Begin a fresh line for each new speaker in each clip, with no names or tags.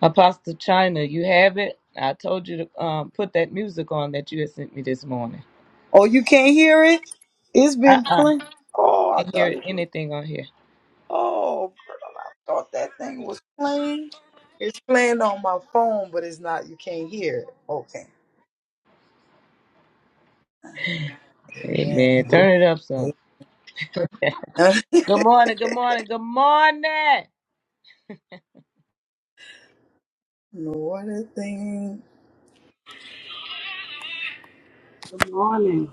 Apostle China, you have it. I told you to um, put that music on that you had sent me this morning.
Oh, you can't hear it? It's
Uh
been
uh
playing. Oh, I
Can't
thought
hear
it.
anything on here.
Oh, I thought that thing was playing. It's playing on my phone, but it's not. You can't hear it. Okay.
Amen.
Amen.
Turn it up some. Good morning, good morning, good morning.
what a thing.
Good morning.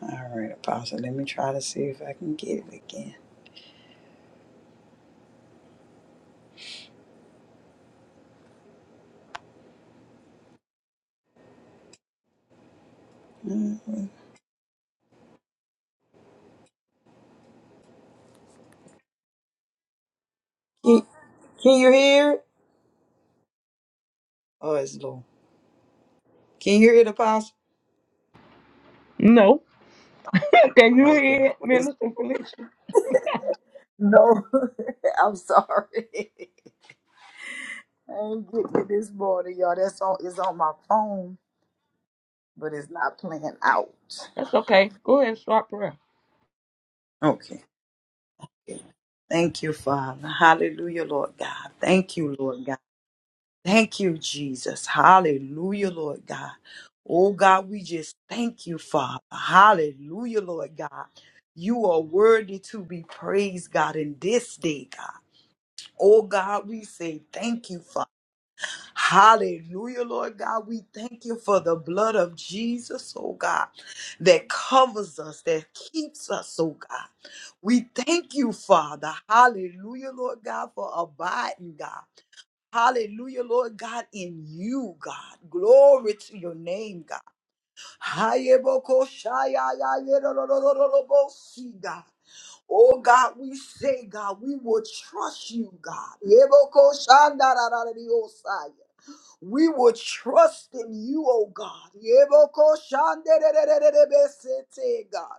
All right, Apostle. Let me try to see if I can get it again. Mhm. Can, can you hear it? Oh, it's low. Can you hear it, Apostle?
No. Can you
Okay.
hear it,
Well, it's-
Minister Felicia?
No, I'm sorry. I ain't getting it this morning, y'all. That's on it's on my phone, but it's not playing out.
That's okay. Go ahead and start prayer.
Okay. Thank you, Father. Hallelujah, Lord God. Thank you, Lord God. Thank you, Jesus. Hallelujah, Lord God. Oh God, we just thank you, Father. Hallelujah, Lord God. You are worthy to be praised, God, in this day, God. Oh God, we say thank you, Father. Hallelujah, Lord God. We thank you for the blood of Jesus, oh God, that covers us, that keeps us, oh God. We thank you, Father. Hallelujah, Lord God, for abiding, God. Hallelujah, Lord God, in you, God. Glory to your name, God. Hayebokoshayayayerododododobosi, God. Oh God, we say, God, we will trust you, God. Yebokoshandarararariosai. We will trust in you, oh God. Yebokoshandererererebesete, God.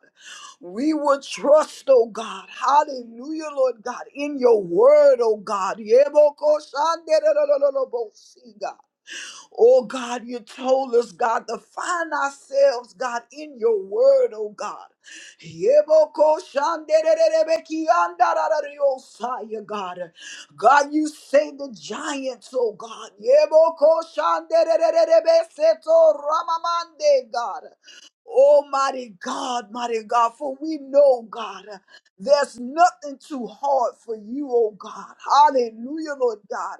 We will trust, oh God. Hallelujah, Lord God, in your word, oh God. Yebokoshandererererebosi, God. Oh God, you told us, God, to find ourselves, God, in your word, oh God. Yeboko shandererebekiandararariosaya, God. God, you say the giants, oh God. Yeboko shanderererebeseto ramamande, God. Almighty God, mighty God, for we know God, there's nothing too hard for you, O God. Hallelujah, Lord God,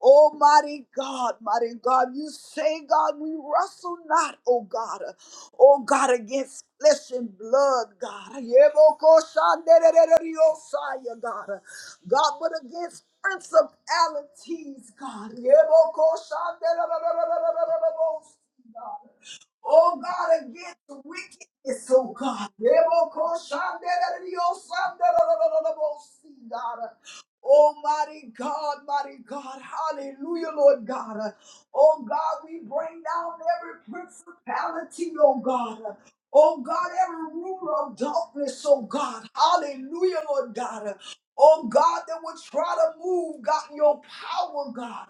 Almighty God, mighty God. You say, God, we wrestle not, O God, O God, against flesh and blood, God. God, but against principalities, God. Oh God, against wickedness, oh God. Rebokoshandereriosandererererebosi, God. Almighty God, mighty God, hallelujah, Lord God. Oh God, we bring down every principality, oh God. Oh God, every ruler of darkness, oh God. Hallelujah, Lord God. Oh God, that will try to move, God, your power, God.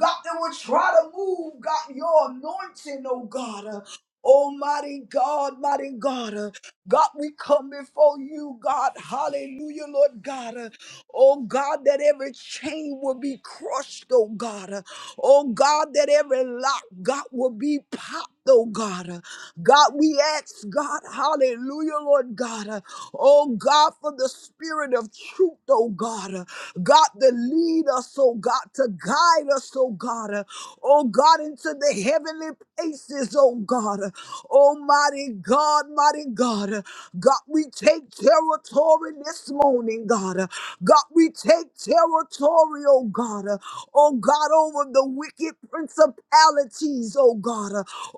God, that will try to move, God, your anointing, oh God. Oh, mighty God, mighty God. uh, God, we come before you, God. Hallelujah, Lord God. uh, Oh, God, that every chain will be crushed, oh, God. uh, Oh, God, that every lock, God, will be popped, oh, God. uh, God, we ask, God, hallelujah, Lord God. uh, Oh, God, for the spirit of truth, oh, God. uh, God, to lead us, oh, God, to guide us, oh, God. uh, oh God, into the heavenly places, oh God. Almighty God, mighty God. God, we take territory this morning, God. God, we take territory, oh God. Oh God, over the wicked principalities, oh God.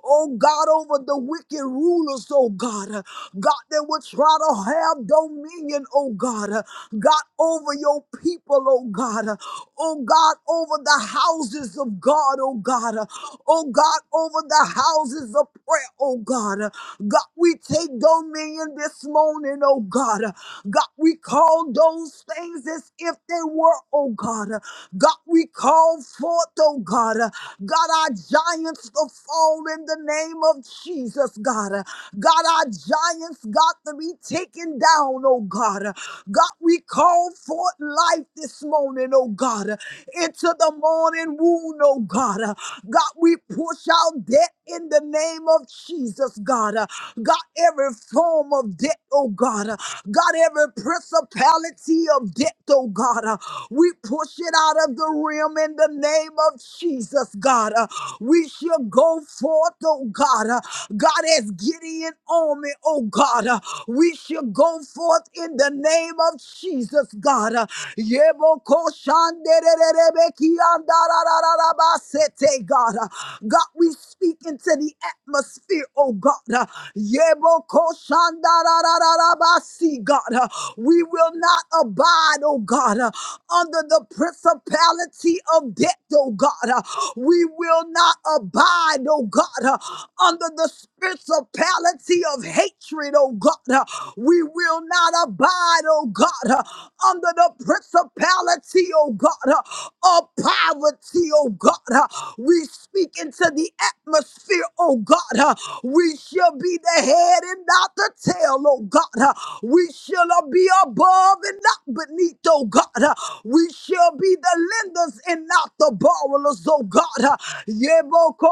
Oh God, over the wicked rulers, oh God. God, they will try to have dominion, oh God. God, over your people, oh God oh God, over the houses of God, oh God, uh, oh God, over the houses of prayer, oh God. Uh, God, we take dominion this morning, oh God. Uh, God, we call those things as if they were, oh God. Uh, God, we call forth, oh God. Uh, God, our giants to fall in the name of Jesus, God. Uh, God, our giants got to be taken down, oh God. God, we call forth life this morning, oh God, into the morning wound, oh God. God, we push out debt in the name of Jesus, God. God, every form of debt, oh God. God, every principality of debt, oh God. We push it out of the realm in the name of Jesus, God. We shall go forth, oh God. God, as Gideon army, oh God, uh, we shall go forth in the name of Jesus, God. Uh, Yebokoshandererebekiandarararabasete, God, Uh, God, we speak into the atmosphere, oh God. Uh, Yebokoshandarararabasi, God, Uh, we will not abide, oh God, uh, under the principality of death, oh God. Uh, we will not abide, oh God, uh, under the principality of hatred, oh God. Uh, we will not abide, oh God, uh, under the principality, oh God, uh, of poverty, oh God. uh. We speak into the atmosphere, oh God. uh. We shall be the head and not the tail, oh God. uh. We shall be above and not beneath, oh God. uh. We shall be the lenders and not the borrowers, oh God. uh. Yeboko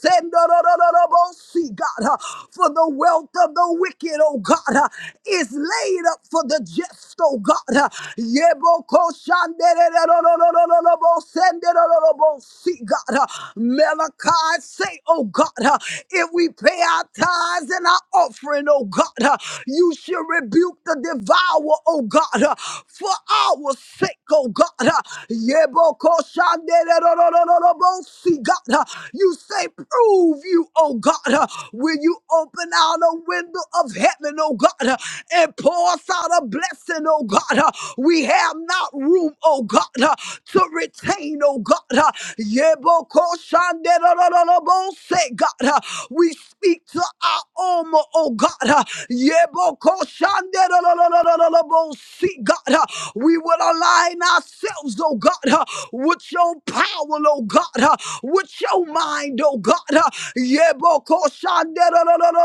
shandererererobosendorororobosi, God, uh, For the wealth wealth of the wicked, oh God, uh, is laid up for the just, oh God. uh. Yeboko shanderererororororobo sendererorobo see God. uh. Malachi say, oh God, uh, if we pay our tithes and our offering, oh God, uh, you should rebuke the devourer, oh God, uh, for our sake, oh God. uh. Yeboko shanderererorororobo see God, uh. You say, prove you, oh God, uh, when you open out a window of heaven, oh God, uh, and pour us out a blessing, oh God. uh, We have not room, oh God, uh, to retain, oh God. uh, Yebokoshanderororobose, God, uh, we speak to our armor, oh God. uh, Yebokoshanderorororobose, God, uh, we will align ourselves, oh God, uh, with your power, oh God, uh, with your mind, oh God. uh, Yebokoshanderorororobose,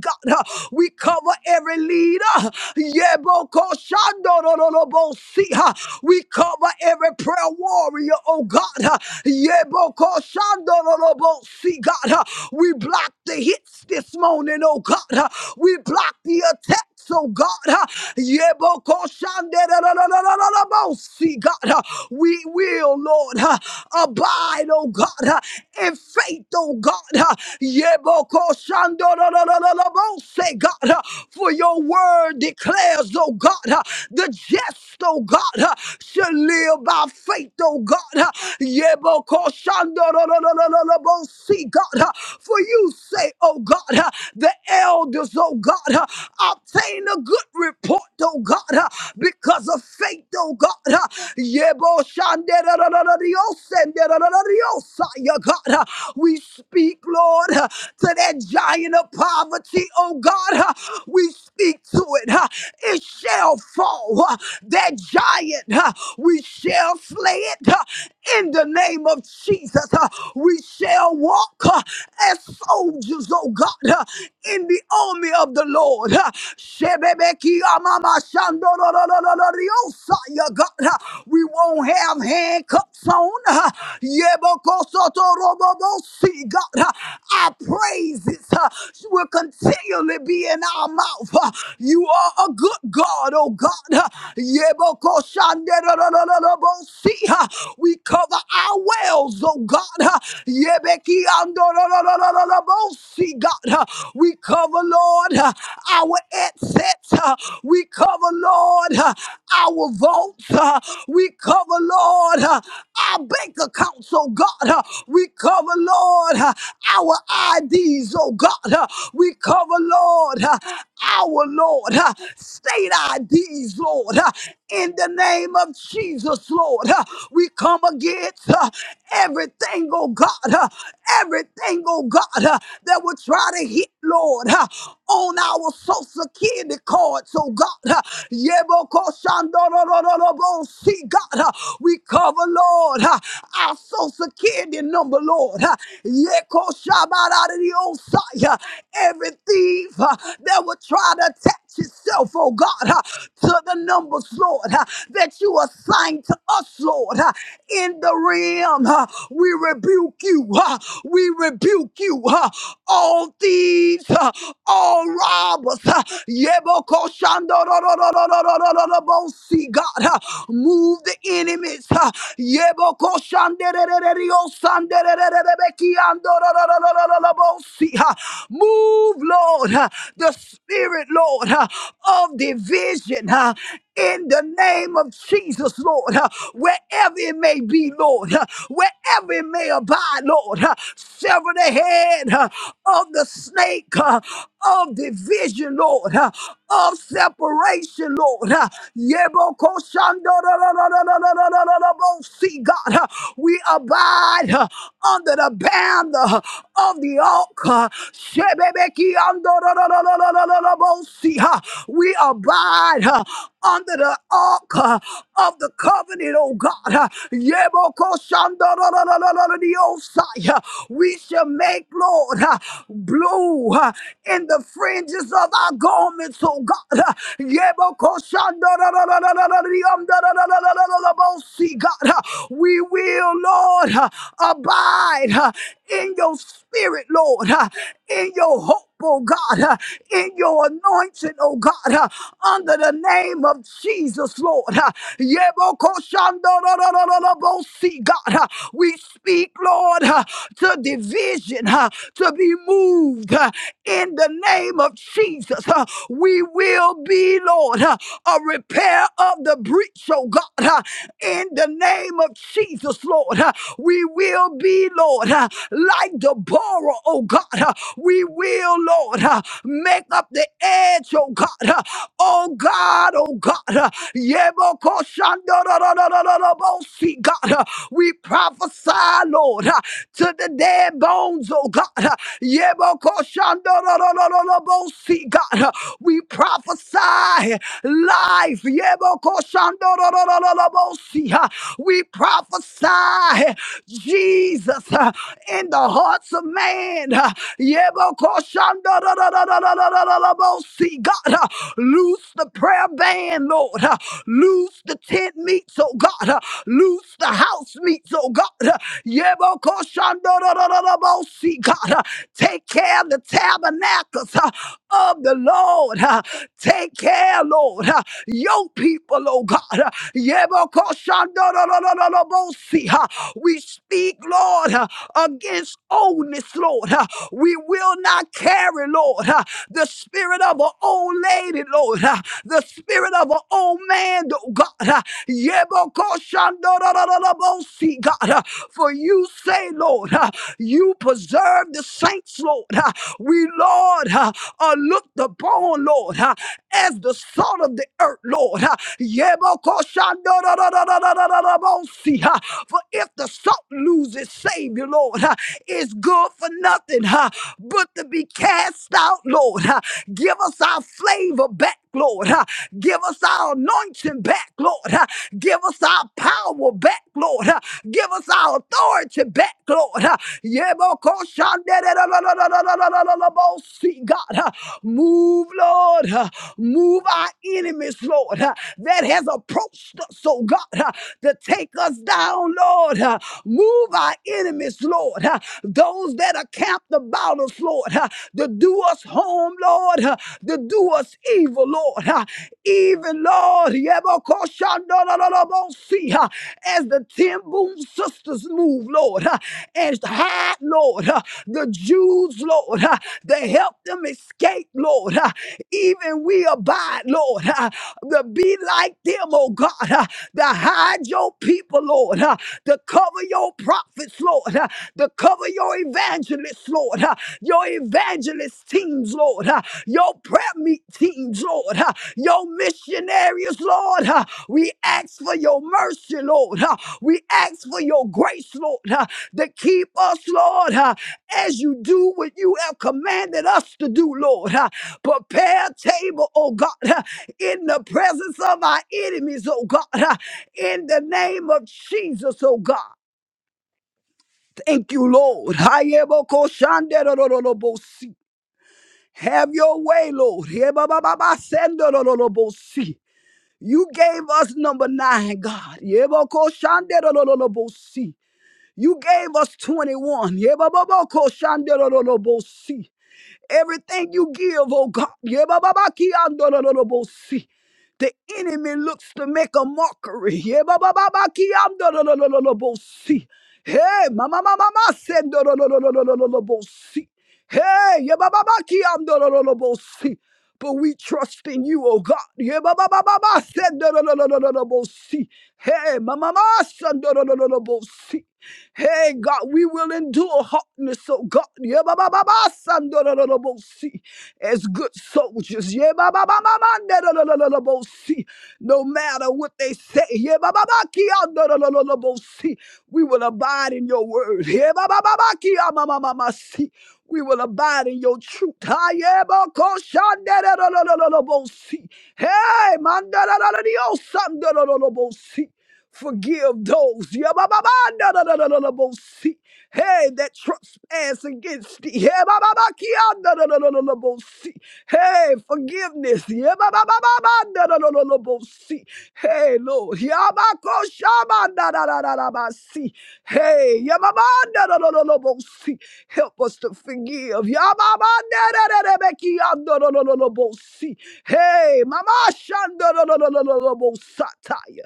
God, uh, we cover every leader. Yeboko Shandorolobo uh, we cover every prayer warrior, oh God. uh, Yeboko Shandorolobo See, God, uh, we block the hits this morning, oh God. uh, we block the attack. So God, uh, yebokoshandererererererebosi, God, uh, we will, Lord, uh, abide, oh God, uh, in faith, oh God, uh, yebokoshanderererererebosi, God, uh, for your word declares, oh God, uh, the just, oh God, uh, shall live by faith, oh God, uh, yebokoshanderererererebosi, God, uh, for you say, oh God, uh, the elders, oh God, uh, obtain a good report, oh God, uh, because of faith, oh God. uh, Yebo shanderarararios, senderarararios, uh, yeah, God, uh, we speak, Lord, uh, to that giant of poverty, oh God. uh, We speak to it. uh, It shall fall. uh, That giant, uh, we shall slay it uh, in the name of Jesus. uh, We shall walk uh, as soldiers, those, oh God, uh, in the army of the Lord. uh, Shebebeki amama shandorororororiosa, yeah, God, uh, We won't have handcuffs on. uh, yebokosotorobobosi, God, uh, our praises uh, will continually be in our mouth. uh, You are a good God, oh God. uh, yebokoshanderorororobosi, uh, We cover our wells, oh God. uh, yebeki See, God. We cover, Lord, our headsets. We cover, Lord, our votes. We cover, Lord, our bank accounts, oh God. We cover, Lord, our IDs, oh God. We cover, Lord, our Lord, state IDs, Lord. In the name of Jesus, Lord, we come against everything, oh God, uh, everything, oh God, uh, that will try to hit, Lord, uh, on our social security cards, oh God. uh, Yebokoshandorororobo. See, God, uh, we cover, Lord, uh, our social security number, Lord. uh, Yekoshabaradiosai, uh, Every thief uh, that will try to attack yourself, oh God, uh, to the numbers, Lord, uh, that you assigned to us, Lord, uh, in the realm. uh, We rebuke you. uh, We rebuke you. uh, All thieves, uh, all robbers. uh, Yebokoshandorororororororobosi, God, uh, move the enemies. uh, Yebokoshandererereriosanderererebekiandorororororobosi, uh, Move, Lord, uh, the spirit spirit, Lord, uh, of division uh, in the name of Jesus, Lord, uh, wherever it may be, Lord, uh, wherever it may abide, Lord, uh, sever the head uh, of the snake uh, of division, Lord, uh, of separation, Lord. uh, See, God, uh, we abide uh, under the banner huh, of the altar. We abide uh, under the ark uh, of the covenant, oh God. uh, Yebokoshandororororororororosai, uh, We shall make, Lord, uh, blue uh, in the fringes of our garments, oh God. uh, Yebokoshandorororororororororororosai, God. uh, We will, Lord, uh, abide uh, in your spirit, Lord, uh, in your hope oh God, uh, in your anointing, oh God, uh, under the name of Jesus, Lord. uh, Yebokoshandorororobosi, God, uh, we speak, Lord, uh, to division, uh, to be moved uh, in the name of Jesus. uh, We will be, Lord, uh, a repair of the breach, oh God, uh, in the name of Jesus, Lord. uh, We will be, Lord, uh, like Deborah, oh God. uh, We we will, Lord, uh, make up the edge, oh God. uh, Oh God, oh God. uh, Yebokoshandororororobosi, God, uh, we prophesy, Lord, uh, to the dead bones, oh God. uh, Yebokoshandororororobosi, God, uh, we prophesy life. Yebokoshandororororobosi, uh, We prophesy crucify Jesus uh, in the hearts of man. uh, Yebokoshandadadadadadadadadabosi. God, uh, loose the prayer band, Lord. uh, Loose the tent meets, oh God. uh, Loose the house meets, oh God. uh, Yebokoshandadadadadabosi. God, uh, take care of the tabernacles uh, of the Lord. uh, Take care, Lord. uh, Your people, oh God. uh, Yebokoshandadadadadadabosi. We speak, Lord, uh, against oldness, Lord. Uh, We will not carry, Lord, uh, the spirit of an old lady, Lord, uh, the spirit of an old man, oh God. Uh, Yebokoshandorororobosi, God, uh, for you say, Lord, uh, you preserve the saints, Lord. Uh, We, Lord, uh, are looked upon, Lord, uh, as the salt of the earth, Lord. Uh, Yebokoshandorororobosi, uh, For if if the salt loses its Savior, Lord, uh, it's good for nothing uh, but to be cast out, Lord. uh, Give us our flavor back, Lord. uh, Give us our anointing back, Lord. uh, Give us our power back, Lord. uh, Give us our authority back, Lord. uh, See, God, uh, move, Lord. uh, Move our enemies, Lord, uh, that has approached us, oh God, uh, to take us down, Lord. huh uh, move our enemies, Lord, uh, those that are camped about us, Lord, uh, to do us harm, Lord, uh, to do us evil, Lord, uh, even, Lord, yebokoshandololobosi, uh, as the ten boom sisters move, Lord, uh, and hide, Lord, uh, the Jews, Lord, uh, to help them escape, Lord, uh, even we abide, Lord, uh, to be like them, oh God, uh, to hide your people, Lord, uh, to cover your prophets, Lord, uh, to cover your evangelists, Lord, uh, your evangelist teams, Lord, uh, your prayer meet teams, Lord, uh, your missionaries, Lord. uh, We ask for your mercy, Lord. uh, We ask for your grace, Lord, uh, to keep us, Lord, uh, as you do what you have commanded us to do, Lord. uh, Prepare a table, oh God, uh, in the presence of our enemies, oh God, uh, in the name of Jesus, oh God. Thank you, Lord. Hayebokoshanderorolobosi. Have your way, Lord. Hebabababasenderorolobosi. You gave us number nine, God. Yebokoshanderorolobosi. You gave us 21. Yebababokoshanderorolobosi. Everything you give, oh God, yebababakiyandololobosi. the enemy looks to make a mockery. Yebababakiyandolololobosi. Hey, mama, mama, mama, send Hey, yebababakiyandololobosi. But we trust in you, oh God. Yeah, ba ba ba ba ba. Send no no no no no no no. see. Hey, ma ma ma. Send no no no no no. bo- see. Hey, God, we will endure hardness, oh God. Yeah, ba ba ba ba. Send no no no no. bo- see. As good soldiers. Yeah, ba ba ba ba ba. No no no no no. bo- see. No matter what they say. Yeah, ba ba ba. Kia no no no no no. bo- see. We will abide in your word. Yeah, ba ba ba ba. Kia ma ma ma ma. See. We will abide in your truth. Hey, man, Forgive those yabababandararororobosi. hey, that trespass against thee. Hey, Hey, forgive forgiveness. Yebababababandadadadadabosi. Hey, Lord. Yabakoshabandadadadadabasi. Hey, yababandadadadadabosi. help us to forgive. Yababandadadadabekiyandadadadadabosi. Hey, Mama Shandorololololobosataya.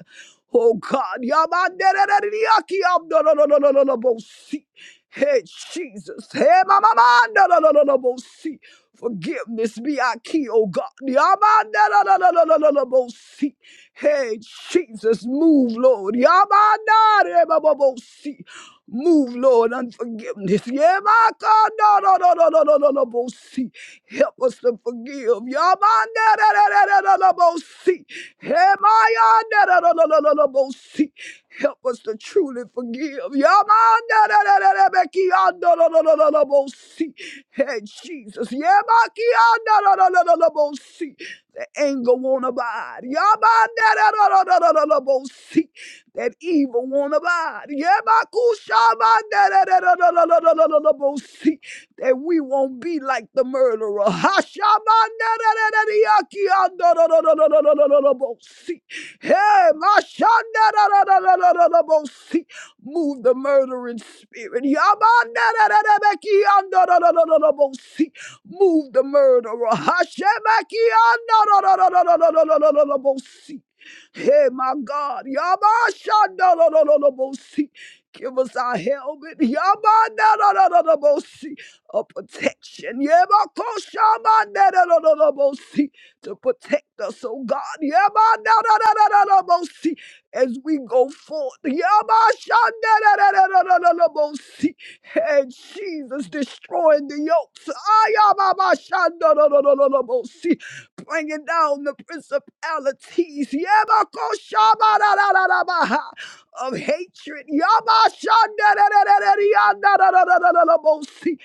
Oh God, Yamanderereriaki amdororororobosi. Hey Jesus, hey mama mandororororobosi. Forgiveness be our key, oh God. Yamanderererererererererebosi. Hey Jesus, move, Lord. Yamandererererererebosi. Move, Lord, unforgiveness. Yeah, my God, no, no, no, no, no, no, no, no, bo- see. Help us to forgive. Yeah, my da, da, da, da, da, da, da, bo- see. Yeah, my ah, da, da, da, da, da, da, da, see. Help us to truly forgive. Yeah, my da, da, da, da, da, da, ki, ah, da, da, da, da, da, da, bo- see. Hey, Jesus. Yeah, my ki, ah, da, da, da, da, da, da, see. The anger won't abide. Yeah, my da, da, da, da, da, da, da, da, see that evil won't abide. Yebakushabandararararararararabosi, That we won't be like the murderer. Hashabandararararararararararabosi. Hey, mashandarararararararabosi. Move the murdering spirit. Yabandararararekiandarararararabosi. Move the murderer. Hashebakiandarararararararabosi. Hey, my God. Yamashandalololobosi. Give us our helmet. Yamandalalololobosi. A protection. Yamakoshamandalalololobosi. To protect us, oh God. Yamandalalololobosi. As we go forth. Yamashandalololobosi. And Jesus destroying the yokes. Ayabamashandalololobosi bringing down the principalities Yabakoshabadadadabaha, of hatred, Yabashandadadadadadadadadadadabosi,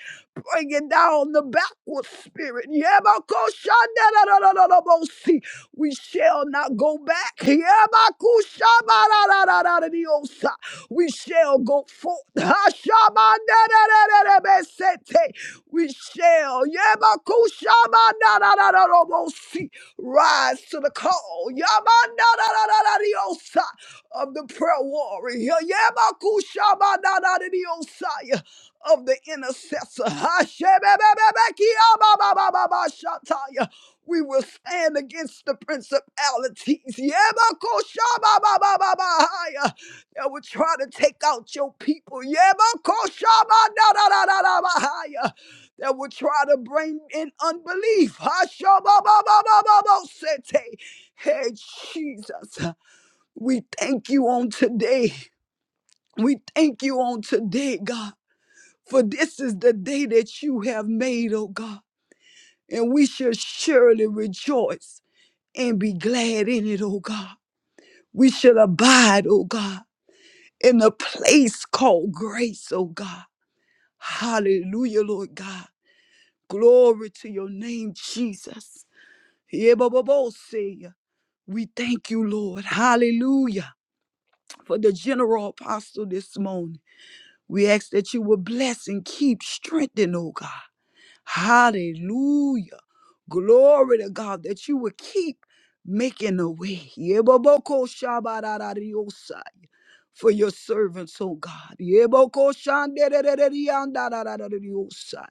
bringing down the backward spirit. Yabakoshandadadadadadabosi. We shall not go back. Yabakushabadadadadadadiosa. We shall go forth. Hashabandadadadadabesete we shall Yabakushabanadadadadobosi, rise to the call Yabanadadadadadiosa, of the prayer warrior Yabakushabanadadadiosa, of the intercessor. Hashebebebebekiababababashataya. We will stand against the principalities Yabakoshababababahaya, that will try to take out your people. Yabakoshabadadadadabahaya that will try to bring in unbelief. Hashababababababosete. Hey, hey, Jesus, we thank you on today. We thank you on today, God, for this is the day that you have made, oh God, and we shall surely rejoice and be glad in it, oh God. We shall abide, oh God, in a place called grace, oh God. Hallelujah, Lord God. Glory to your name, Jesus. Yebobobose. We thank you, Lord. Hallelujah. For the general apostle this morning. We ask that you will bless and keep strengthening, oh God. Hallelujah. Glory to God that you will keep making a way. Yeboboko shabararariosai. For your servants, oh God. Yeboko shandererereriandararariosai.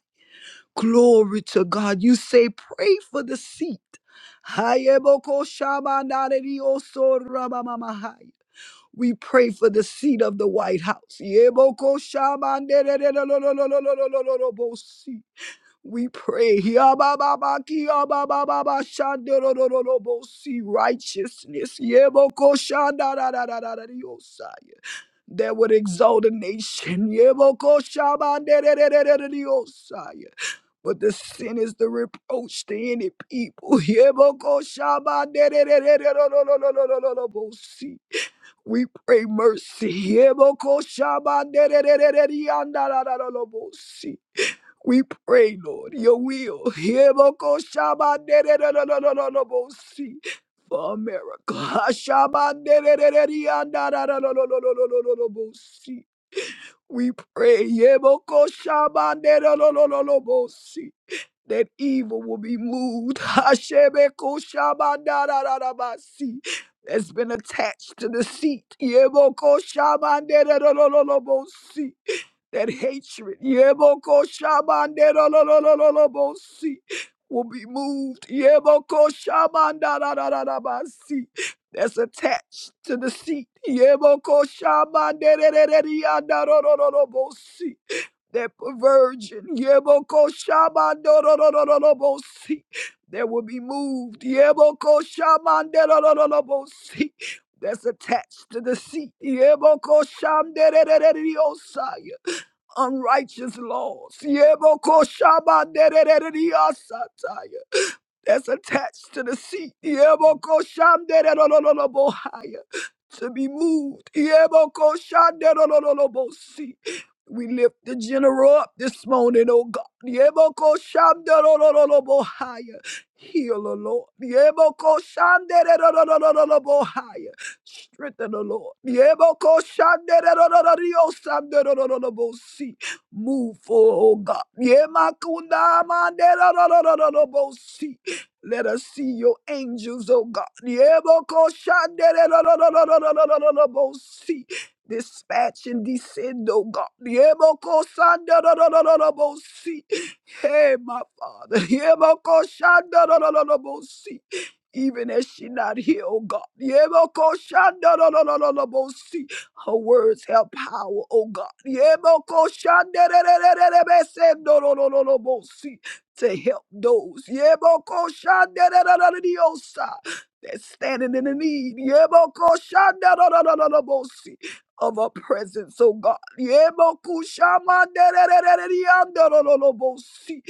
Glory to God. You say, pray for the seat. Hayeboko shabanarerioso rabamamahai. We pray for the seat of the White House. Yeboko shabanderererololololololololobosi. We pray Hiabababaki, ababababa, shandorolololobosi. righteousness Yeboko shandararararariosai. that would exalt a nation. Yeboko shabanderererereriosai. But the sin is the reproach to any people. Yebokoshabaderererererorororororororobosi. We pray mercy. Yebokoshabaderererererororororobosi. We pray, Lord, Your will. Yebokoshabadererererororororobosi. For America. Hashabaderererererorororororobosi. We pray. Yebokoshabadererererorororobosi that evil will be moved. Hashemekushamandarararabasi. That's been attached to the seat. Yemokoshamanderararararabosi. That hatred Yemokoshamanderararararabosi, will be moved. Yemokoshamandararararabasi. That's attached to the seat. Yemokoshamanderararararabosi that virgin, Yebokoshamandorororobosi, that will be moved, Yebokoshamandorororobosi, that's attached to the seat, Yebokoshamdererereriosai, unrighteous laws, Yebokoshamandororororiosatai, that's attached to the seat. Yebokoshandererororobohaya, To be moved. Yebokoshandererororobosi. We lift the general up this morning, oh God. Yebokoshandererororobohaya. Heal, O Lord. Yebokoshandererororobohaya. Strengthen, O Lord. Yebokoshandererorororiosandererororobosi. Move for, oh God. Yemakundamandererorororobosi. Let us see your angels, oh God. Yebokoshandererorororororororobosi. Dispatch and descend, oh God. Yebokoshandererororororobosi. Hey, my Father. Yebokoshandererorororobosi. Even as she not here, oh God. Yebokoshandererorororobosi. Her words have power, oh God. Yebokoshandererorororobosi to help those Yebokoshanderererereriosa, that's standing in the need Yebokoshanderererererebosi, of a presence, oh God. Yebokushamanderererererererererererererererererebosi.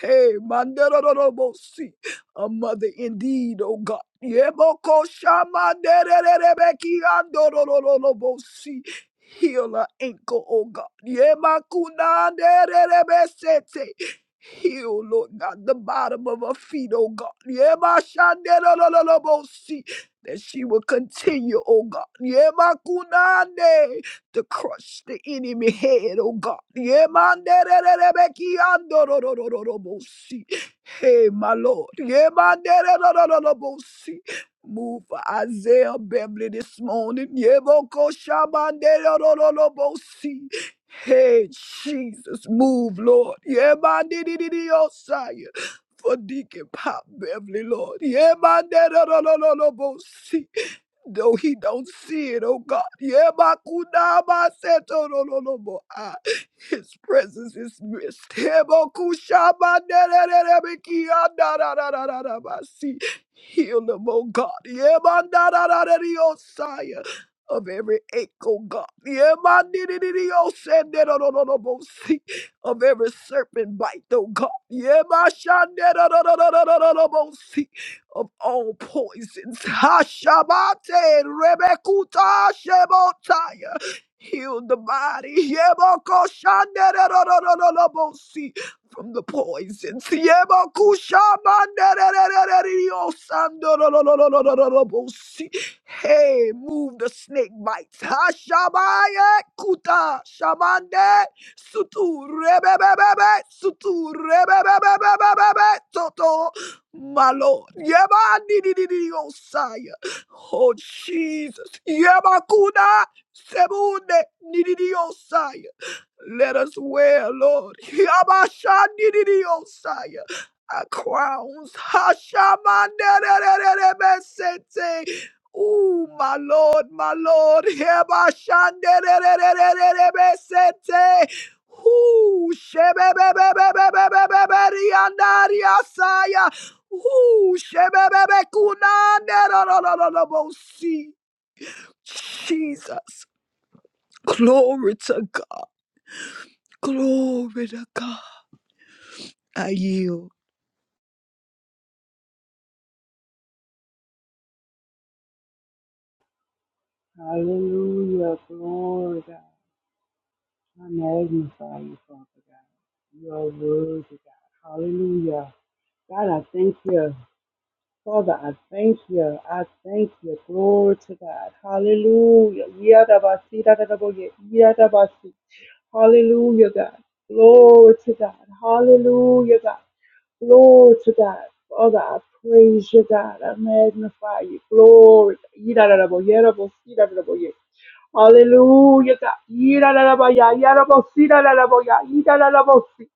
Hey, manderererererebosi, a mother indeed, oh God. Yebokoshamandererererererererererererererererebosi. Heal her ankle, oh God. Yemakunandererebesete. Heal, Lord God, the bottom of her feet, oh God. Yemashandelololobosi, That she will continue, oh God. Yema kunande To crush the enemy head, oh God. Yemandererebekiandororororobosi. Hey, my Lord. Yemandererorororobosi. Move for Isaiah Beverly this morning. Yebokoshabandererororobosi. Hey, Jesus, move, Lord. Yeah, man, did it in your side. For Deacon Pop Beverly, Lord. Yeah, man, da- da- da- da- da- da- bo- see though he don't see it, oh God. Yebakudabasetololobo. Ah, His presence is missed. Yebokushabanerererebekiandadadadadadabasi. Heal them, oh God. Yebandadadadadiosaya. Of every ache, oh God. Yemandidididiosendedololobosi. Of every serpent bite, oh God. Yemashandedololobosi of all poisons. Hashabate Rebekuta Shebotaya. Heal the body. Yeboko shandererorororobosi, From the poisons. Yeboku shamanderererererosandorororororobosi. Hey, move the snake bites. Hashabaya kuta shamande sutu rebebebebe sutu rebebebebebebe toto my Lord, Yeha ni ni ni ni Osaya. Oh Jesus, Yeha kuna sebunde ni ni ni Osaya. Let us wear, Lord, Yabasha ni ni ni Osaya. Our crowns, Hashem, dererererebe sente. Ooh, my Lord, my Lord, Yabasha dererererebe sente. Ooh, shebebebebebebebebebe riandariasaya. Ooh, shebebebekuna-na-na-na-na-na-na-bosi. Jesus. Glory to God. Glory to God. I yield.
Hallelujah. Glory, God. I magnify you, Father God. You are worthy, God. Hallelujah. God, I thank you. Father, I thank you. I thank you. Glory to God. Hallelujah. Yadabasi, dadadaboye, yadabasi. Hallelujah, God. Glory to God. Hallelujah, God. Glory to God. Father, I praise you, God. I magnify you. Glory. Yidadadabo, yadabo, yidadadabo, Hallelujah, God. Yidadadabaya, yadabosi, dadadaboya, yidadadabosi.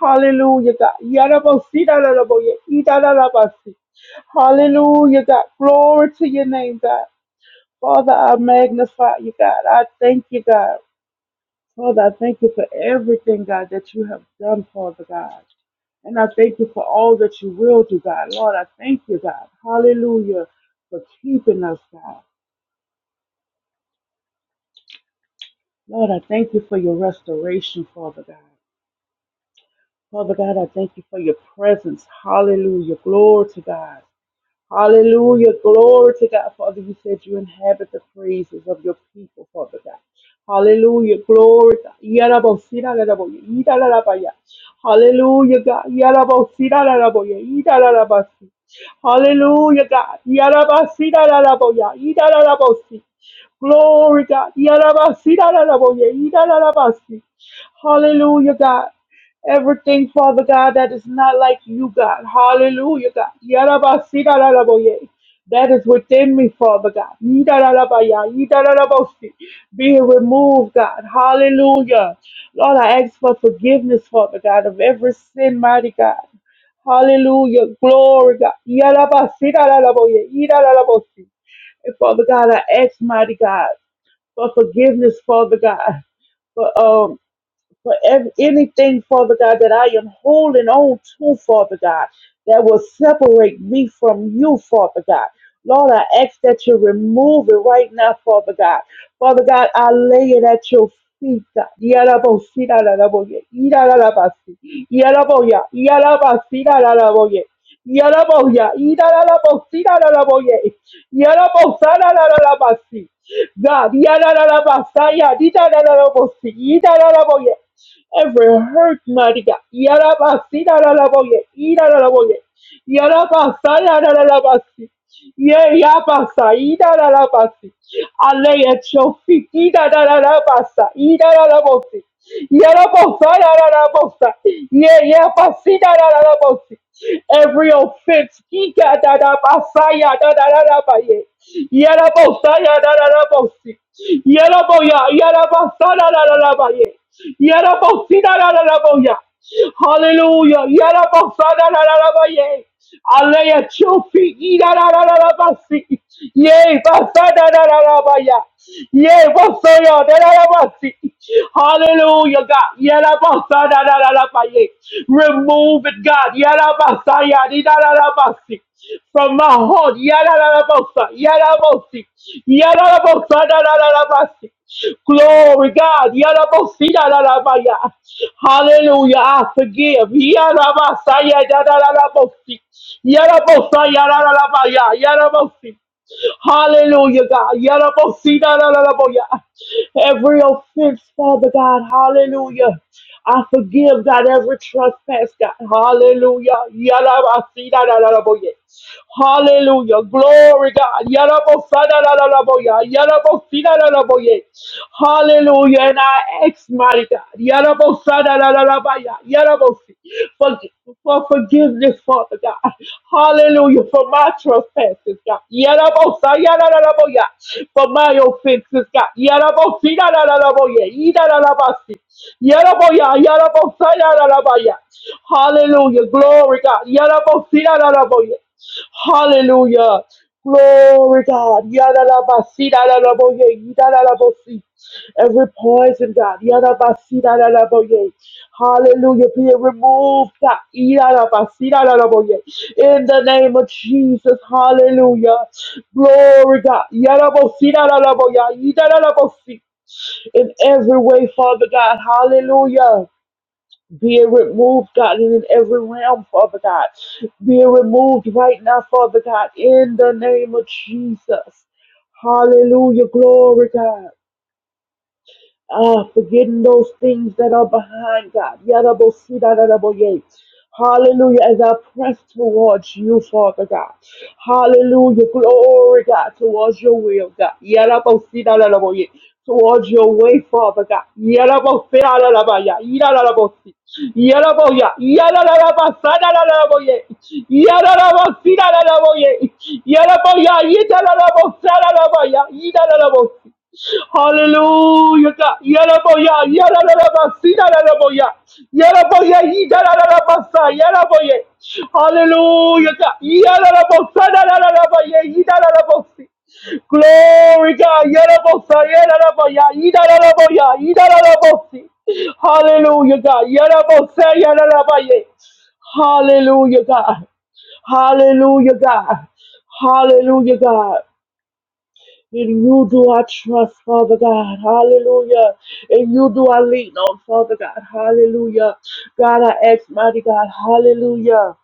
Hallelujah, God. Yadabosi, dadadaboya, yidadadabasi. Hallelujah, God. Glory to your name, God. Father, I magnify you, God. I thank you, God. Father, I thank you for everything, God, that you have done, Father God. And I thank you for all that you will do, God. Lord, I thank you, God. Hallelujah. For keeping us, God. Lord, I thank you for your restoration, Father God. Father God, I thank you for your presence. Hallelujah. Glory to God. Hallelujah. Glory to God, Father. You said you inhabit the praises of your people, Father God. Hallelujah. Glory. to God. Yarabosira laraboye, idalarabaya. Hallelujah, God. Yarabosira laraboye, idalarabasi. Hallelujah, God. Yarabasira laraboya, idalarabosi. Glory, God. Yarabasira laraboye, idalarabasi. Hallelujah, God. Everything, Father God, that is not like you, God. Hallelujah, God. Yarabasidararaboye. That is within me, Father God. Yidararabaya, yidararabosi. Be removed, God. Hallelujah. Lord, I ask for forgiveness, Father God, of every sin, mighty God. Hallelujah. Glory, God. Yarabasidararaboye, yidararabosi. And Father God, I ask, mighty God, for forgiveness, Father God. for um for every, anything, Father God, that I am holding on to, Father God, that will separate me from you, Father God. Lord, I ask that you remove it right now, Father God. Father God, I lay it at your feet, God. Yarabosi, yararaboye, yaraboya, yarabasi, Yaraboya, Irarabossi, Raraboye, Yarabosana, Rarabasi, God, Yarabasaya, Didarabossi, Idaraboye, every hurt, mighty God, Yarabasi, Raraboye, Iraraboye, Yarabasaya, Rarabasi. Yeyabasa, idarabasi. I lay at your feet. Idarabasa, idarabosi. Yerabosa, idarabosa. Yeyabasi, idarabosi. Every offense, idarabasa, yadarabaye. Yerabosa, yadarabosi. Yeraboya, yarabasa, yadarabaye. Yerabosi, yadaraboya. Hallelujah. Yarabasadadadadabaye. I lay at your feet. Yidadadadadabasi. Yea, basadadadadabaya. Yea, basayadadadabasi. Hallelujah, God. Yarabasadadadadabaye. Remove it, God. Yarabasayadidadadabasi. From my heart. Yadadadabasa. Yadabosi. Yadadabosadadadabasi. Glory, God. Yarabosina la la maya. Hallelujah. I forgive. Yarabasaya da da la la bosi. Yarabosaya la la la maya. Yarabosi. Hallelujah, God. Yarabosina la la la boya. Every offense, Father God. Hallelujah. I forgive, God, every trespass, God. Hallelujah. Yalabasi-da-da-da-da-bo-ye. Hallelujah. Glory, God. Yalabosa-da-da-da-da-bo-ya. Yalabosi-da-da-da-bo-ye. Hallelujah. And I ask, mighty God, Yalabosa-da-da-da-da-ba-ya. Yalabosi. for, for forgiveness, Father God. Hallelujah. For my trespasses, God. Yarabosa, yararaboya. For my offenses, God. Yarabosi, yararaboya. Yararabasi. Yaraboya, yarabosa, yararabaya. Hallelujah. Glory, God. Yarabosi, yararaboya. Hallelujah. Glory God. Yadalabasi, dadalaboye, yidalalabosi. Every poison, God. Yadabasi, dadalaboye. Hallelujah. Be it removed, God. Yadabasi, dadalaboye. In the name of Jesus. Hallelujah. Glory God. Yadabosi, dadalaboya, yidalalabosi. In every way, Father God. Hallelujah. Be it removed, God, in every realm, Father God. Be it removed right now, Father God, in the name of Jesus. Hallelujah. Glory, God. Ah, forgetting those things that are behind God. Yadabosidadadaboye. Hallelujah, as I press towards you, Father God. Hallelujah, glory God, towards your will, God. Yadabosidadadaboye. Towards your way, Father God. Yadabosidadadabaya. Yadadabosi. Yadaboya. Yadadabasadadadaboye. Yadadabosidadadaboye. Yadaboya. Yadadabosadadaboya. Yadadabosi. Hallelujah. God. Yaraboya, yarararabasi, yararaboya. Yaraboya, yidarararabasa, yaraboya. Yarabasa, Yaraboye. Hallelujah. God. Yararabosa, yarararaboya, yidararabosi. Glory God. Yarabosa, yararaboya, yidararaboya, yidararabosi. Hallelujah, God. Yarabosa, yararaboya. Hallelujah, God. Hallelujah, God. Hallelujah, God. In you do I trust, Father God. Hallelujah. In you do I lean on, Father God. Hallelujah. God, I ask, mighty God. Hallelujah.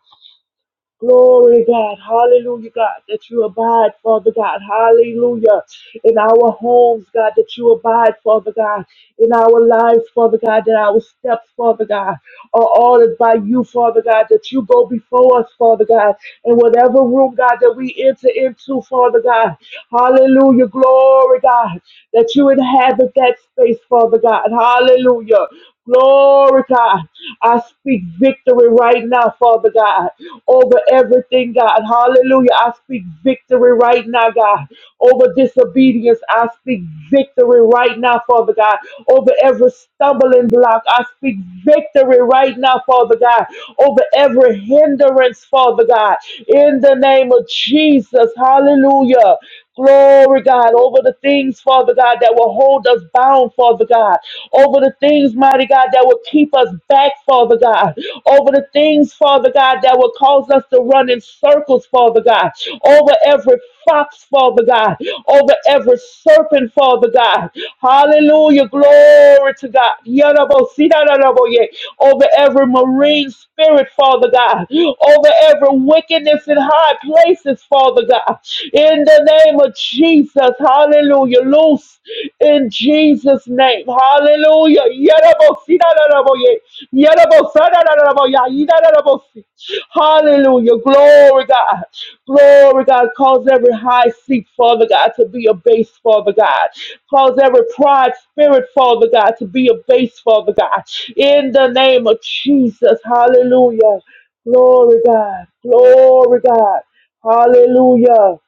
Glory, God. Hallelujah, God, that you abide, Father God. Hallelujah. In our homes, God, that you abide, Father God. In our lives, Father God, that our steps, Father God, are ordered by you, Father God, that you go before us, Father God. In whatever room, God, that we enter into, Father God. Hallelujah. Glory, God, that you inhabit that space, Father God. Hallelujah. Glory, God. I speak victory right now, Father God, over everything, God. Hallelujah. I speak victory right now, God, over disobedience. I speak victory right now, Father God, over every stumbling block. I speak victory right now, Father God, over every hindrance, Father God, in the name of Jesus. Hallelujah. Glory, God, over the things, Father God, that will hold us bound, Father God, over the things, mighty God, that will keep us back, Father God, over the things, Father God, that will cause us to run in circles, Father God, over every fox, Father God, over every serpent, Father God. hallelujah. Hallelujah. Glory to God. Yadabositadadaboye. Over every marine spirit, Father God. Over every wickedness in high places, Father God. In the name of Jesus. Hallelujah. Loose in Jesus' name. Hallelujah. Yadabositadadaboye. Yadabosadadadaboye. Yadadabosi. Hallelujah. Glory, God. Glory, God, cause every high seat, Father God, to be a base, Father God. Cause every pride spirit, Father God, to be a base, Father God. In the name of Jesus, hallelujah. Glory, God. Glory, God. Hallelujah.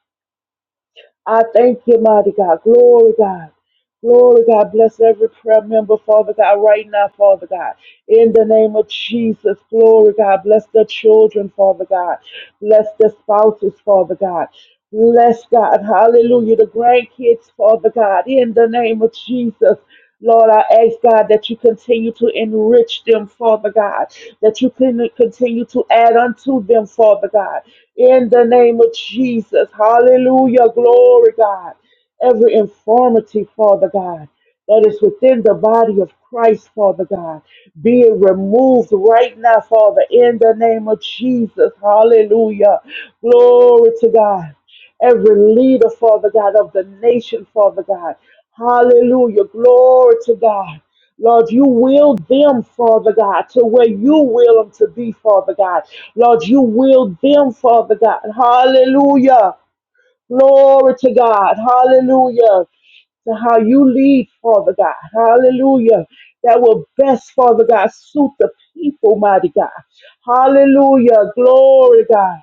I thank you, mighty God. Glory, God. Glory, God, bless every prayer member, Father God, right now, Father God. In the name of Jesus, glory, God, bless the children, Father God. Bless the spouses, Father God. Bless God, hallelujah, the grandkids, Father God. In the name of Jesus, Lord, I ask God that you continue to enrich them, Father God, that you can continue to add unto them, Father God. In the name of Jesus, hallelujah, glory, God every infirmity, Father God, that is within the body of Christ, Father God, be it removed right now, Father, in the name of Jesus. Hallelujah. Glory to God. Every leader, Father God, of the nation, Father God. Hallelujah. Glory to God. Lord, you will them, Father God, to where you will them to be, Father God. Lord, you will them, Father God. Hallelujah. Glory to God. Hallelujah to how you lead, Father God. Hallelujah. That will best, Father God, suit the people, mighty God. Hallelujah. Glory, God.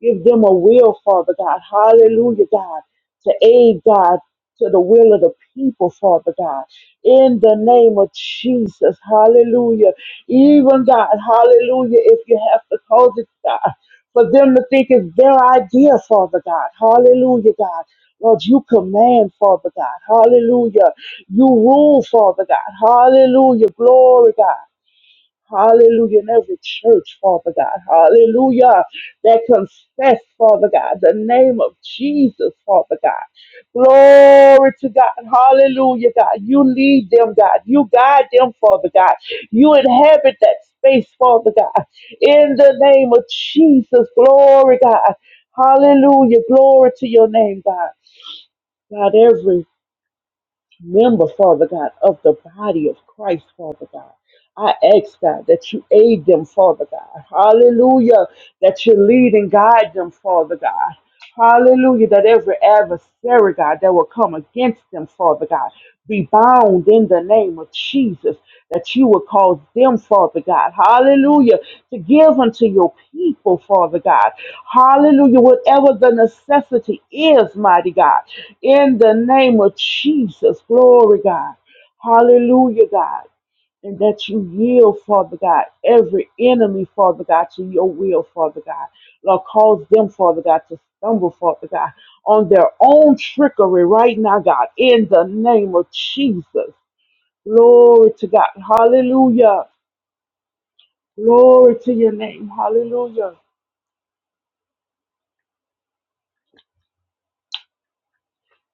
Give them a will, Father God. Hallelujah, God. To aid, God, to the will of the people, Father God. In the name of Jesus. Hallelujah. Even God, hallelujah, if you have to cause it, God, for them to think it's their idea, Father God. Hallelujah, God. Lord, you command, Father God. Hallelujah. You rule, Father God. Hallelujah. Glory, God. Hallelujah. In every church, Father God. Hallelujah. That confess, Father God, the name of Jesus, Father God. Glory to God. Hallelujah, God. You lead them, God. You guide them, Father God. You inhabit that space, Father God. In the name of Jesus. Glory, God. Hallelujah. Glory to your name, God. God, every member, Father God, of the body of Christ, Father God. I ask, God, that you aid them, Father God. Hallelujah. That you lead and guide them, Father God. Hallelujah. That every adversary, God, that will come against them, Father God, be bound in the name of Jesus. That you will cause them, Father God, hallelujah, to give unto your people, Father God, hallelujah, whatever the necessity is, mighty God, in the name of Jesus, glory, God, hallelujah, God and that you yield, Father God, every enemy, Father God, to your will, Father God. Lord, cause them, Father God, to stumble, Father God, on their own trickery right now, God, in the name of Jesus. Glory to God. Hallelujah. Glory to your name. Hallelujah.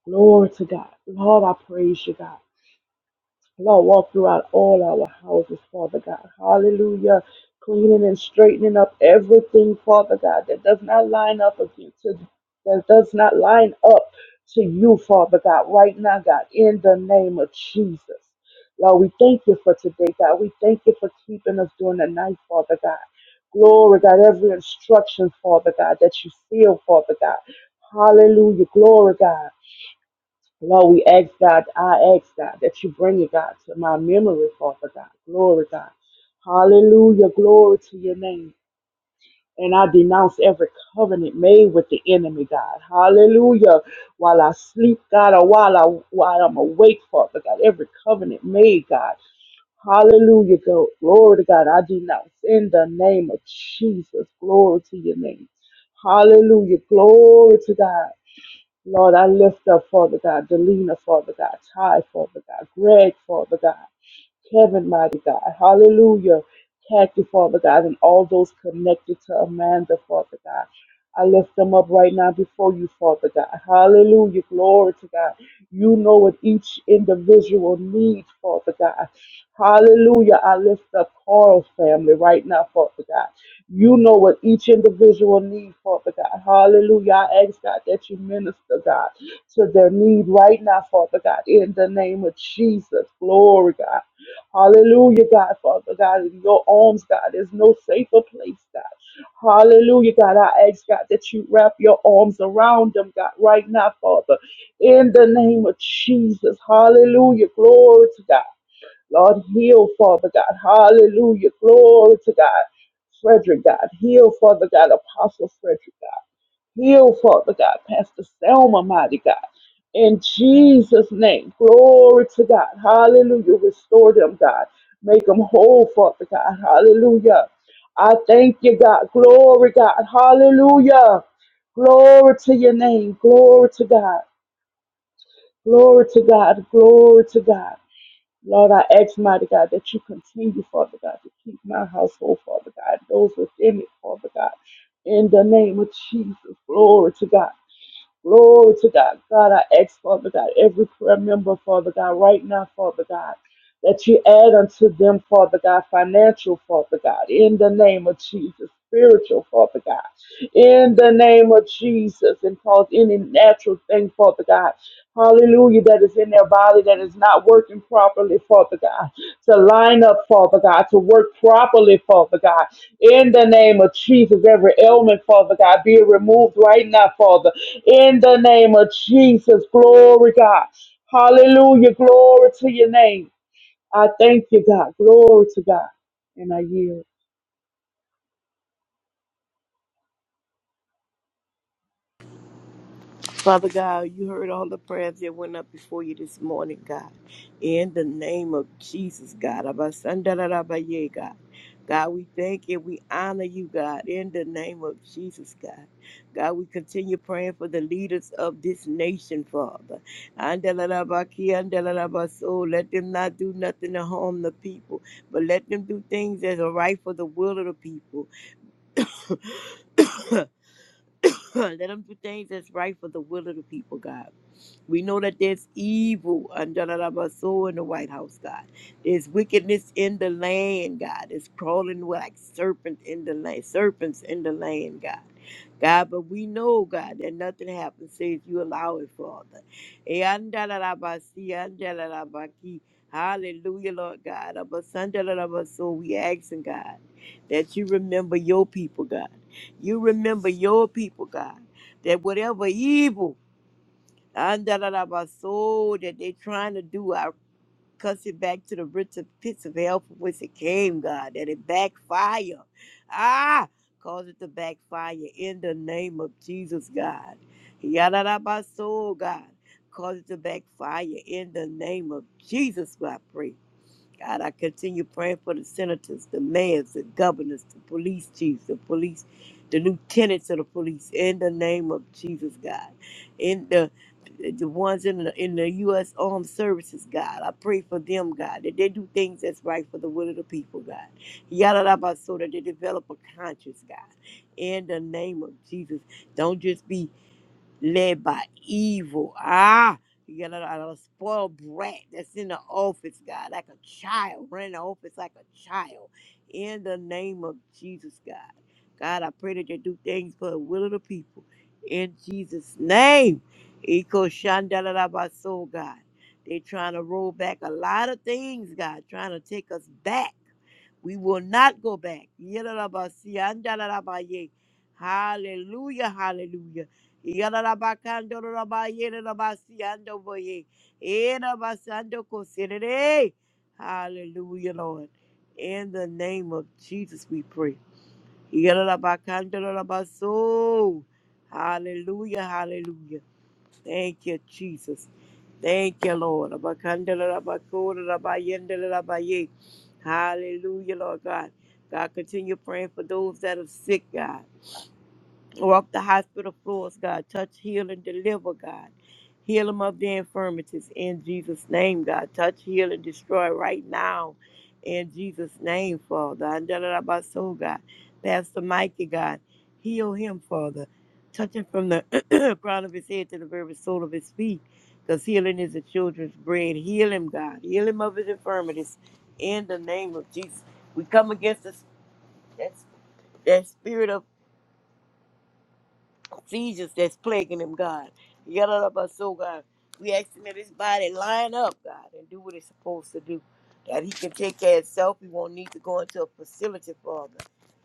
Glory to God. Lord, I praise you, God. Lord, walk throughout all our houses, Father God. Hallelujah. Cleaning and straightening up everything, Father God, that does not line up against to, that does not line up to you, Father God, right now, God, in the name of Jesus. Lord, we thank you for today, God. We thank you for keeping us during the night, Father God. Glory, God, every instruction, Father God, that you seal, Father God. Hallelujah. Glory, God. Lord, we ask God, I ask God that you bring it, God, to my memory, Father God. Glory, God. Hallelujah. Glory to your name. And I denounce every covenant made with the enemy, God. Hallelujah. While I sleep, God, or while I while I'm awake, Father God, every covenant made, God. Hallelujah. Go- Glory to God. I denounce in the name of Jesus. Glory to your name. Hallelujah. Glory to God. Lord, I lift up, Father God, Delina, Father God, Ty, Father God, Greg, Father God, Kevin, mighty God, hallelujah, Kathy, Father God, and all those connected to Amanda, Father God. I lift them up right now before you, Father God. Hallelujah. Glory to God. You know what each individual needs, Father God. Hallelujah. I lift up Carl's family right now, Father God. You know what each individual needs, Father God. Hallelujah. I ask God that you minister, God, to their need right now, Father God, in the name of Jesus. Glory, God. Hallelujah, God, Father God. In your arms, God, there's no safer place, God. Hallelujah, God. I ask God that you wrap your arms around them, God, right now, Father. In the name of Jesus. Hallelujah. Glory to God. Lord, heal, Father God. Hallelujah. Glory to God. Frederick, God. Heal, Father God. Apostle Frederick, God. Heal, Father God. Pastor Selma, mighty God. In Jesus' name. Glory to God. Hallelujah. Restore them, God. Make them whole, Father God. Hallelujah. I thank you, God. Glory, God. Hallelujah. Glory to your name. Glory to God. Glory to God. Glory to God. Lord, I ask, mighty God, that you continue, Father God, to keep my household, Father God, those within it, Father God. In the name of Jesus, glory to God. Glory to God. God, I ask, Father God, every prayer member, Father God, right now, Father God, that you add unto them, Father God, financial, Father God, in the name of Jesus, spiritual, Father God, in the name of Jesus, and cause any natural thing, Father God, hallelujah, that is in their body that is not working properly, Father God, to line up, Father God, to work properly, Father God, in the name of Jesus, every ailment, Father God, be removed right now, Father. In the name of Jesus, glory God. Hallelujah, glory to your name. I thank you, God. Glory to God. And I yield.
Father God, you heard all the prayers that went up before you this morning, God. In the name of Jesus, God. Abasandarabaye, God. God, we thank you. We honor you, God, in the name of Jesus, God. God, we continue praying for the leaders of this nation, Father. Andalarabaki, andalarabaso. Let them not do nothing to harm the people, but let them do things that are right for the will of the people. Let them do things that's right for the will of the people, God. We know that there's evil under the soul in the White House, God. There's wickedness in the land, God. It's crawling like serpent in the land, serpents in the land, God. God, but we know, God, that nothing happens save you allow it, Father. Eh, anda la la ba si, anda la la ba ki. Hallelujah, Lord God. Abba sanda la la ba So we asking, God, that you remember your people, God. You remember your people, God, that whatever evil and da da da ba soul that they trying to do. I cuss it back to the rich of pits of hell from which it came, God, that it backfire. Ah, cause it to backfire in the name of Jesus, God. Yada da ba soul, God. Cause it to backfire in the name of Jesus, God. God, I continue praying for the senators, the mayors, the governors, the police chiefs, the police, the lieutenants of the police, in the name of Jesus, God. In the the ones in the in the U.S. Armed Services, God, I pray for them, God, that they do things that's right for the will of the people, God. Yada da ba, so that they develop a conscience, God. In the name of Jesus, don't just be led by evil. Ah, you got a, a spoiled brat that's in the office, God, like a child, running the office like a child. In the name of Jesus, God. God, I pray that you do things for the will of the people. In Jesus' name. Eco Shandalabaso, God. They trying to roll back a lot of things, God, trying to take us back. We will not go back. Yedadabasiandadadabaye. Hallelujah, hallelujah. Yedadabakandodadabayedadabasiandoboye. Edabasandokosirere. Hallelujah, Lord. In the name of Jesus, we pray. Yedadabakandodadabaso. Hallelujah, hallelujah. Thank you, Jesus. Thank you, Lord. Abakandala, abakura, abayendala, abaye. Hallelujah, Lord God. God, continue praying for those that are sick, God. Walk the hospital floors, God. Touch, heal, and deliver, God. Heal them of their infirmities in Jesus' name, God. Touch, heal, and destroy right now in Jesus' name, Father. And da- so, God. Pastor Mikey, God. Heal him, Father. Touch him from the crown of his head to the very sole of his feet. Because healing is the children's bread. Heal him, God. Heal him of his infirmities in the name of Jesus. We come against this, that, that spirit of seizures that's plaguing him, God. Yada about so God. We asking that his body line up, God, and do what it's supposed to do. That he can take care of himself. He won't need to go into a facility, Father.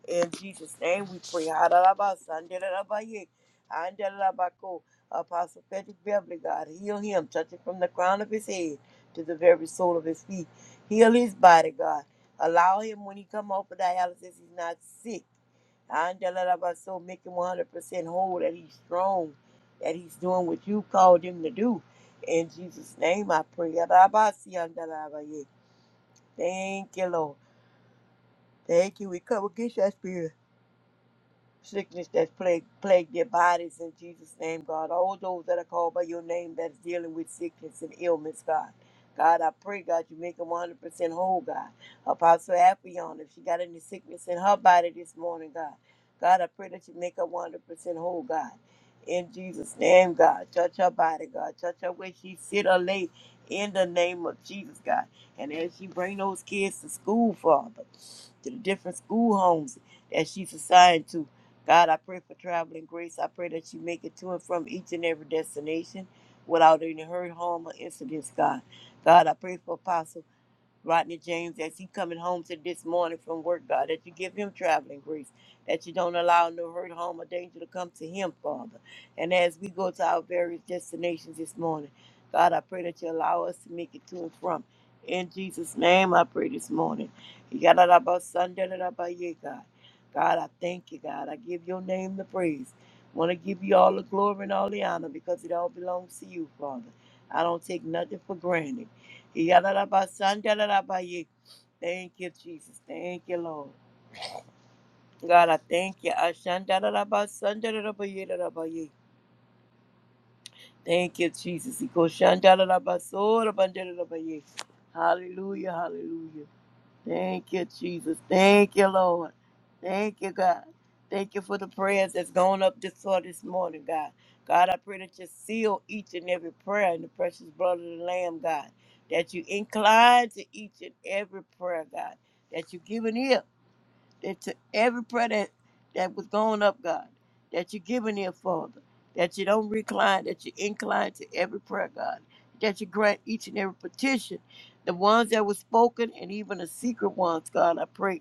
In Jesus' name we pray. Hadadabasa, andadadabaye, andadadabako. Apostle Patrick Beverly, God, heal him, touch it from the crown of his head to the very sole of his feet. Heal his body, God. Allow him when he come off of dialysis, he's not sick. Andalabaso, make him 100% whole, that he's strong, that he's doing what you called him to do. In Jesus' name I pray. Adabasi, Andalabaye. Thank you, Lord. Thank you. We come against that spirit sickness that plague, plague their bodies in Jesus' name, God. All those that are called by your name that's dealing with sickness and ailments, God. God, I pray, God, you make them 100% whole, God. Apostle Appion, if she got any sickness in her body this morning, God. God, I pray that you make her 100% whole, God. In Jesus' name, God. Touch her body, God. Touch her where she sit or lay in the name of Jesus, God. And as she bring those kids to school, Father, to the different school homes that she's assigned to, God, I pray for traveling grace. I pray that you make it to and from each and every destination without any hurt, harm, or incidents, God. God, I pray for Apostle. Rodney James, as he coming home to this morning from work, God, that you give him traveling grace, that you don't allow no hurt, harm, or danger to come to him, Father. And as we go to our various destinations this morning, God, I pray that you allow us to make it to and from. In Jesus' name, I pray this morning. Yadadabasandaladabaya, God, God, I thank you, God. I give your name the praise. Want to give you all the glory and all the honor because it all belongs to you, Father. I don't take nothing for granted. Yadadabasandarabaye. Thank you, Jesus. Thank you, Lord. God, I thank you. Ashandarabasandarabayedarabaye. Thank you, Jesus. Ikoshandarabasodabandarabaye. Hallelujah, hallelujah. Thank you, Jesus. Thank you, Lord. Thank you, God. Thank you for the prayers that's gone up this far this morning, God. God, I pray that you seal each and every prayer in the precious blood of the Lamb, God. That you incline to each and every prayer, God. That you give an ear that to every prayer that, that was going up, God, that you're giving here, Father, that you don't recline, that you incline to every prayer, God, that you grant each and every petition, the ones that were spoken and even the secret ones, God, I pray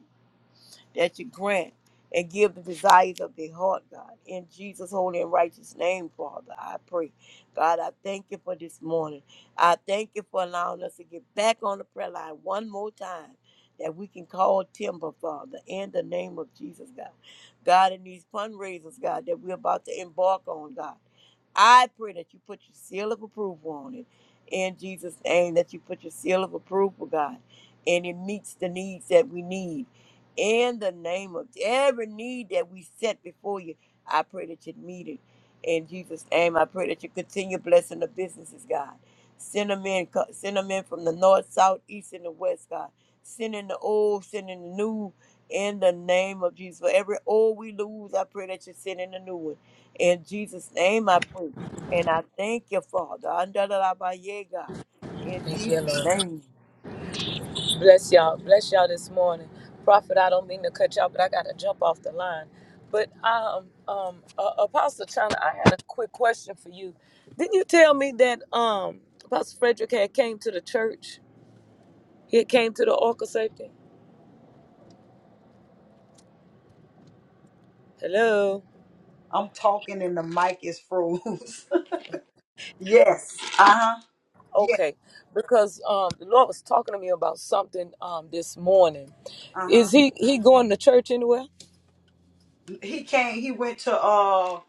that you grant and give the desires of their heart, God. In Jesus' holy and righteous name, Father, I pray. God, I thank you for this morning. I thank you for allowing us to get back on the prayer line one more time that we can call timber, Father, in the name of Jesus, God. God, in these fundraisers, God, that we're about to embark on, God. I pray that you put your seal of approval on it. In Jesus' name, that you put your seal of approval, God, and it meets the needs that we need in the name of every need that we set before you. I pray that you meet it in Jesus' name. I pray that you continue blessing the businesses, God. Send them in, co- send them in from the north, south, east, and the west, God. Send in the old, send in the new, in the name of Jesus. For every old we lose, I pray that you send in a new one. In Jesus' name, I pray. And I thank you, Father. Andalabaye, God. In
Thank you,
Jesus'
Lord.
name.
Bless y'all. Bless y'all this morning. Prophet, I don't mean to cut y'all, but I got to jump off the line. But um, um, uh, Apostle China, I had a quick question for you. Didn't you tell me that um, Apostle Frederick had came to the church? He had came to the Orca Safety? Hello?
I'm talking and the mic is froze. yes. Uh-huh. Yeah.
Okay. Because um, the Lord was talking to me about something um, this morning. Is
Uh-huh.
he, he going to church anywhere?
He came, he went to uh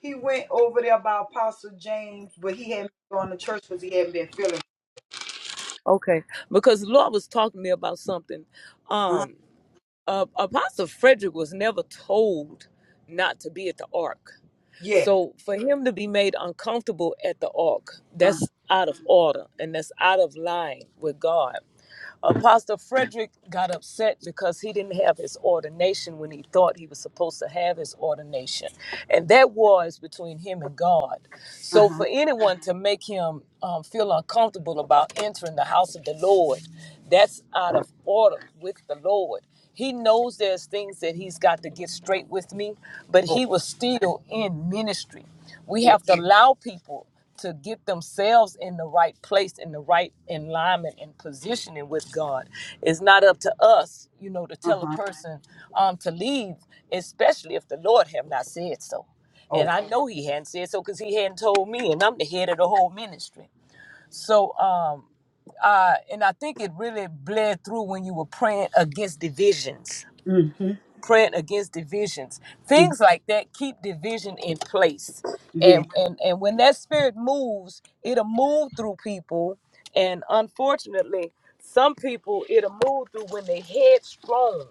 he went over there by Apostle James, but he hadn't been going to church because he hadn't been feeling.
Okay. Because the Lord was talking to me about something.
Uh-huh.
Um, uh, Apostle Frederick was never told not to be at the ark.
Yeah.
So for him to be made uncomfortable at the ark,
Uh,
that's out of order and that's out of line with God. Apostle Frederick got upset because he didn't have his ordination when he thought he was supposed to have his ordination. And that war is between him and God. So
uh-huh.
for anyone to make him um, feel uncomfortable about entering the house of the Lord, that's out of order with the Lord. He knows there's things that he's got to get straight with me, but
Oh,
he was still in ministry. We
yeah.
have to allow people to get themselves in the right place, in the right alignment and positioning with God. It's not up to us, you know, to tell a
Uh-huh.
person um, to leave, especially if the Lord have not said so. And
Oh.
I know He hadn't said so because He hadn't told me, and I'm the head of the whole ministry. So, um, uh, and I think it really bled through when you were praying against divisions
Mm-hmm.
praying against divisions
hmm
things like that keep division in place
Yeah.
and and and when that spirit moves it'll move through people and unfortunately some people it'll move through when they headstrong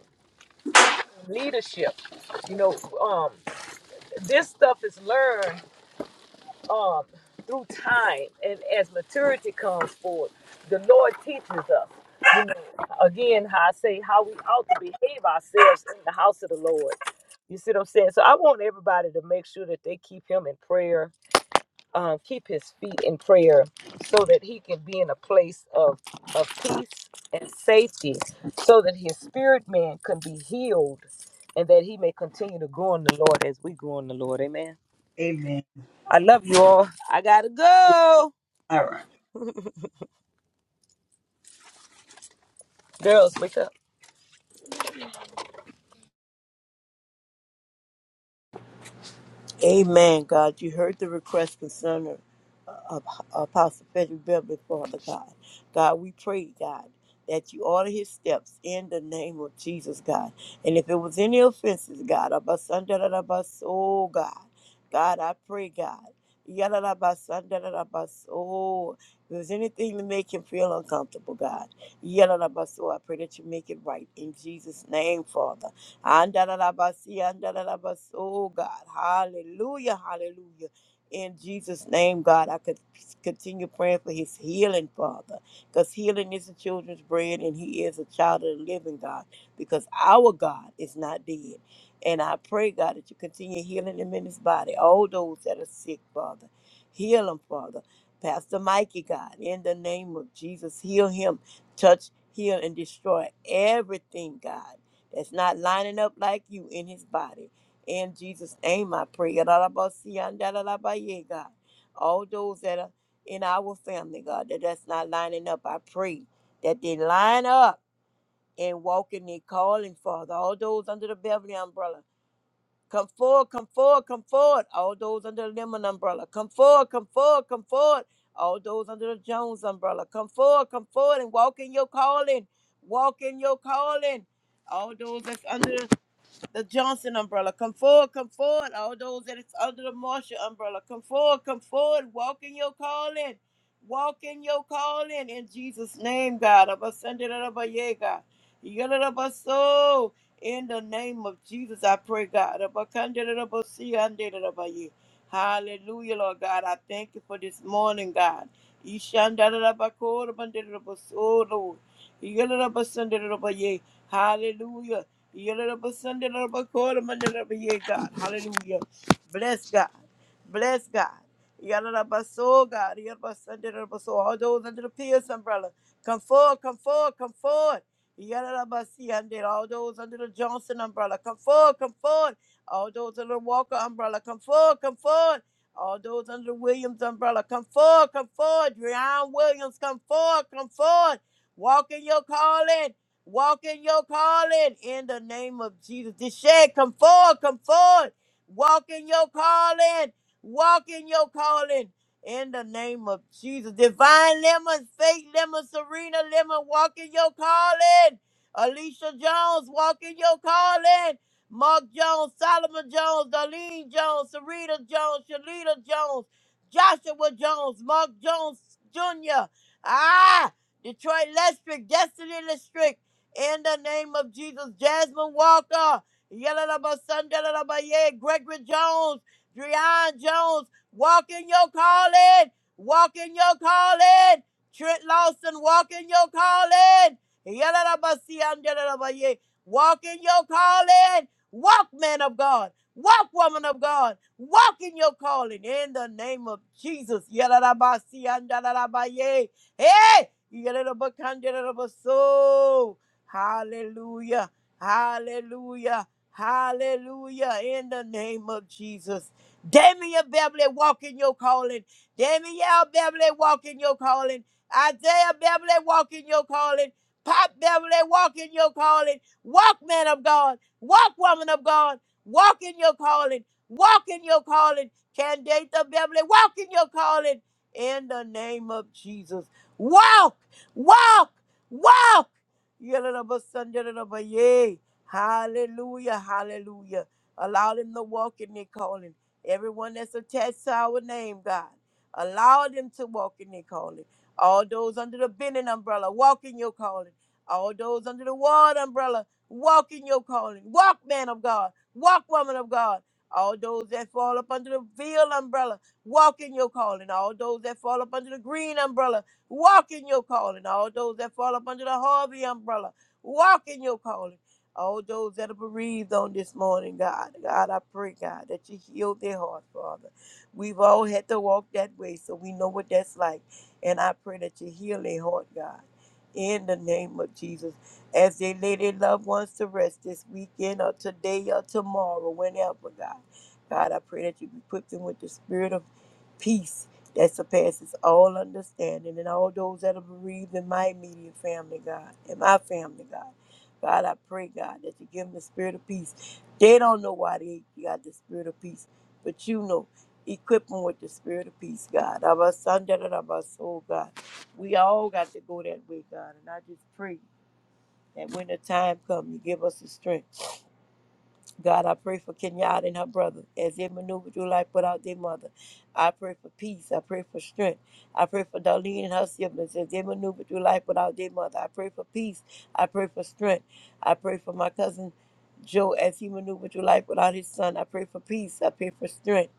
leadership you know um this stuff is learned through time and as maturity comes forward, the Lord teaches us, you know, again, how I say how we ought to behave ourselves in the house of the Lord. You see what I'm saying? So I want everybody to make sure that they keep him in prayer, um, keep his feet in prayer so that he can be in a place of, of peace and safety so that his spirit man can be healed and that he may continue to grow in the Lord as we grow in the Lord. Amen.
Amen.
I love you all. I got to go.
All right.
Girls, wake up.
Amen, God. You heard the request concerning her. Ap- Apostle Frederick Beverly, Father God. God, we pray, God, that you order his steps in the name of Jesus, God. And if it was any offenses, God, abasandalabas, oh God, God, I pray, God. Yalalabasandalabas, oh, if there's anything to make him feel uncomfortable, God. Yalalabas, oh, I pray that you make it right in Jesus' name, Father. Andalabasi, andalabas, oh God. Hallelujah, hallelujah. In Jesus' name, God, I could continue praying for his healing, Father, because healing is the children's bread, and he is a child of the living God, because our God is not dead. And I pray, God, that you continue healing him in his body, all those that are sick, Father. Heal him, Father. Pastor Mikey, God, in the name of Jesus, heal him, touch, heal, and destroy everything, God, that's not lining up like you in his body. In Jesus' name, I pray. Yadadabasiyandadadabaye, God. All those that are in our family, God, that that's not lining up, I pray that they line up and walk in their calling, Father. All those under the Beverly umbrella, come forward, come forward, come forward. All those under the Lemon umbrella, come forward, come forward, come forward. All those under the Jones umbrella, come forward, come forward and walk in your calling. Walk in your calling. All those that's under the the Johnson umbrella. Come forward, come forward. All those that is under the Marshall umbrella, come forward, come forward. Walk in your calling. Walk in your calling in Jesus' name, God. Abasandarabaye, God. Yadarabaso. In the name of Jesus, I pray, God. Abakandarabashi, andarabaye. Hallelujah, Lord God. I thank you for this morning, God. Ishandarabakor, bandarabaso, Lord. Yadarabasandarabaya. Hallelujah. Yoruba Sunday, Yoruba Quarter, Monday, Yoruba Year, God. Hallelujah. Bless God. Bless God. Yoruba Soul, God. Yoruba Sunday, Yoruba Soul. All those under the Pierce umbrella. Come forward, come forward, come forward. Yoruba Sunday, all those under the Johnson umbrella. Come forward, come forward. All those under the Walker umbrella. Come forward, come forward. All those under the Williams umbrella. Come forward, come forward. Dreon Williams, come forward, come forward. Walk in your calling. Walk in your calling in the name of Jesus. This shed, come forward, come forward. Walk in your calling. Walk in your calling in the name of Jesus. Divine Lemon, Faith Lemon, Serena Lemon, walk in your calling. Alicia Jones, walk in your calling. Mark Jones, Solomon Jones, Darlene Jones, Serena Jones, Shalita Jones, Joshua Jones, Mark Jones Jr. Ah, Detroit Lestrick, Destiny Lestrick in the name of Jesus. Jasmine Walker, Yelena Sundelabaye, Gregory Jones, Dreon Jones, walk in your calling, walk in your calling. Trent Lawson, walk in your calling. Yelena Basundelabaye, walk in your calling. Walk, man of God. Walk, woman of God. Walk in your calling in the name of Jesus. Yelena Basundelabaye. Hey! Yelena Bakandelabaso. Hallelujah. Hallelujah. Hallelujah. In the name of Jesus. Damian Beverly, walk in your calling. Danielle Beverly, walk in your calling. Isaiah Beverly, walk in your calling. Pop Beverly, walk in your calling. Walk, man of God. Walk, woman of God. Walk in your calling. Walk in your calling. Candida Beverly, walk in your calling. In the name of Jesus. Walk, walk, walk. Yay. Hallelujah. Hallelujah. Allow them to walk in their calling. Everyone that's attached to our name, God. Allow them to walk in their calling. All those under the bending umbrella, walk in your calling. All those under the ward umbrella, walk in your calling. Walk, man of God. Walk, woman of God. All those that fall up under the veil umbrella, walk in your calling. All those that fall up under the green umbrella, Walk in your calling. All those that fall up under the Harvey umbrella, walk in your calling. All those that are bereaved on this morning, God, God, I pray, God, that you heal their hearts, Father. We've all had to walk that way, so we know what that's like. And I pray that you heal their heart, God, in the name of Jesus. As they lay their loved ones to rest this weekend or today or tomorrow, whenever, God. God, I pray that you equip them with the spirit of peace that surpasses all understanding, and all those that are bereaved in my immediate family, God, and my family, God. God, I pray, God, that you give them the spirit of peace. They don't know why they got the spirit of peace, but you know. Equip them with the spirit of peace, God. Our son, da da da, our soul, God. We all got to go that way, God. And I just pray that when the time comes, you give us the strength. God, I pray for Kenyatta and her brother as they maneuver through life without their mother. I pray for peace. I pray for strength. I pray for Darlene and her siblings as they maneuver through life without their mother. I pray for peace. I pray for strength. I pray for my cousin Joe as he maneuvered through life without his son. I pray for peace. I pray for strength.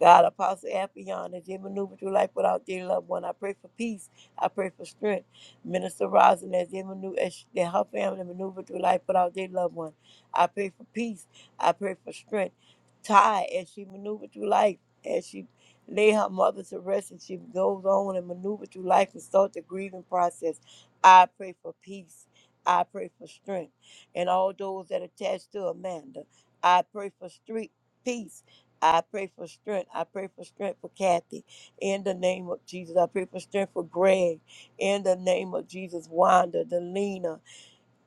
God, Apostle Appion, as they maneuver through life without their loved one, I pray for peace. I pray for strength. Minister Rosin, as they maneuver, as she- that her family maneuver through life without their loved one, I pray for peace. I pray for strength. Ty, as she maneuvered through life, as she lay her mother to rest and she goes on and maneuver through life and start the grieving process, I pray for peace. I pray for strength. And all those that attached to Amanda, I pray for street peace. I pray for strength. I pray for strength for Kathy. In the name of Jesus, I pray for strength for Greg. In the name of Jesus, Wanda, Delina,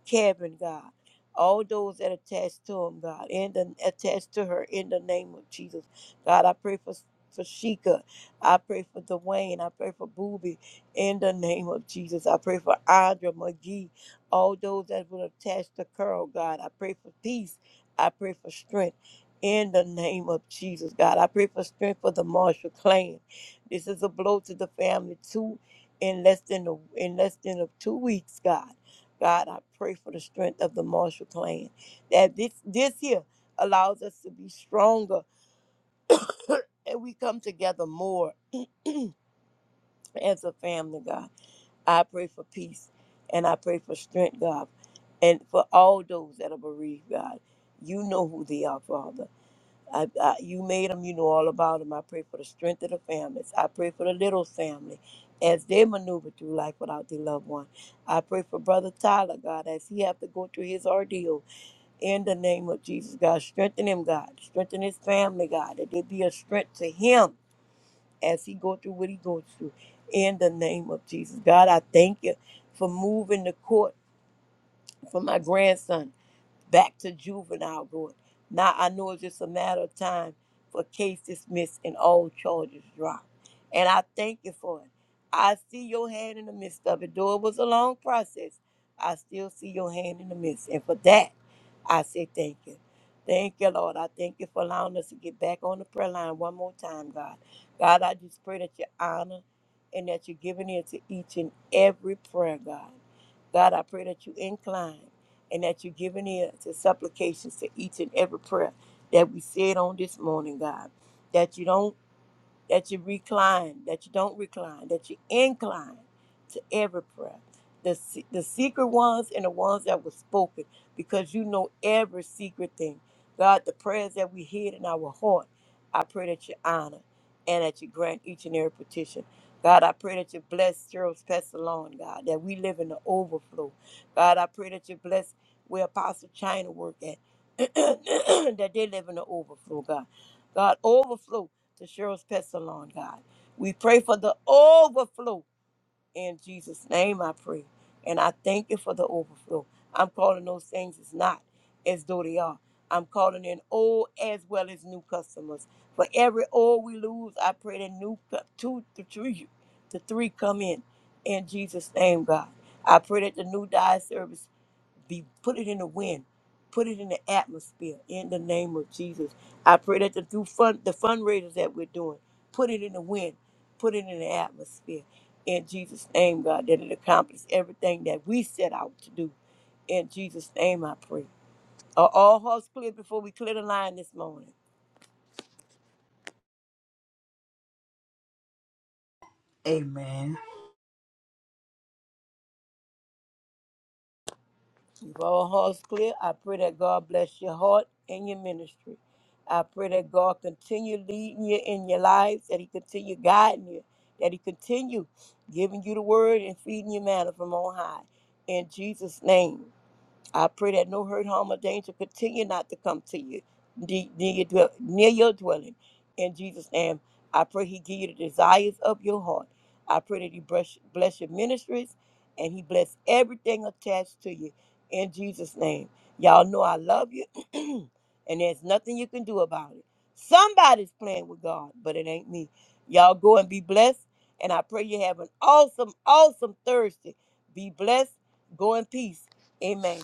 Kevin, God. All those that attached to him, God, and the, attached to her in the name of Jesus. God, I pray for, for Sheikah. I pray for Dwayne. I pray for Booby in the name of Jesus. I pray for Audra McGee. All those that were attached to Carl, God. I pray for peace. I pray for strength. In the name of Jesus, God, I pray for strength for the Marshall clan. This is a blow to the family too. In less than a, in less than a two weeks, God. God, I pray for the strength of the Marshall clan that this this here allows us to be stronger and we come together more as a family, God. I pray for peace and I pray for strength, God, and for all those that are bereaved, God. You know who they are, Father. I, I, you made them, you know all about them. I pray for the strength of the families. I pray for the little family as they maneuver through life without their loved one. I pray for Brother Tyler, God, as he have to go through his ordeal. in the name of Jesus, God. Strengthen him, God. Strengthen his family, God. That there be a strength to him as he go through what he goes through. In the name of Jesus, God, I thank you for moving the court for my grandson back to juvenile court. Now I know it's just a matter of time for case dismissed and all charges dropped. And I thank you for it. I see your hand in the midst of it. Though it was a long process, I still see your hand in the midst. And for that, I say thank you. Thank you, Lord. I thank you for allowing us to get back on the prayer line one more time, God. God, I just pray that you honor and that you're giving ear to each and every prayer, God. God, I pray that you incline and that you are giving ear to supplications to each and every prayer that we said on this morning, God. That you don't that you recline, that you don't recline, that you incline to every prayer. The, se- the secret ones and the ones that were spoken, because you know every secret thing. God, the prayers that we hid in our heart, I pray that you honor and that you grant each and every petition. God, I pray that you bless Cheryl's Pestalon, God, that we live in the overflow. God, I pray that you bless where Apostle China work at, that they live in the overflow, God. God, overflow to Cheryl's Pet Salon, God. We pray for the overflow in Jesus' name, I pray. And I thank you for the overflow. I'm calling those things as not as though they are. I'm calling in old as well as new customers. For every old we lose, I pray that new co- two to three to three come in. In Jesus' name, God. I pray that the new diet service be put it in the wind, put it in the atmosphere. In the name of Jesus, I pray that the through fun the fundraisers that we're doing, put it in the wind, put it in the atmosphere. In Jesus' name, God, that it accomplishes everything that we set out to do. In Jesus' name, I pray. Are all hearts clear before we clear the line this morning?
Amen.
If our heart's clear, I pray that God bless your heart and your ministry. I pray that God continue leading you in your life, that He continue guiding you, that He continue giving you the word and feeding you manna from on high. In Jesus' name. I pray that no hurt, harm, or danger continue not to come to you de- near your, dwell- near your dwelling. In Jesus' name, I pray He give you the desires of your heart. I pray that He bless, bless your ministries and He bless everything attached to you. In Jesus' name. Y'all know I love you, and there's nothing you can do about it. Somebody's playing with God, but it ain't me. Y'all go and be blessed, and I pray you have an awesome, awesome Thursday. Be blessed. Go in peace. Amen.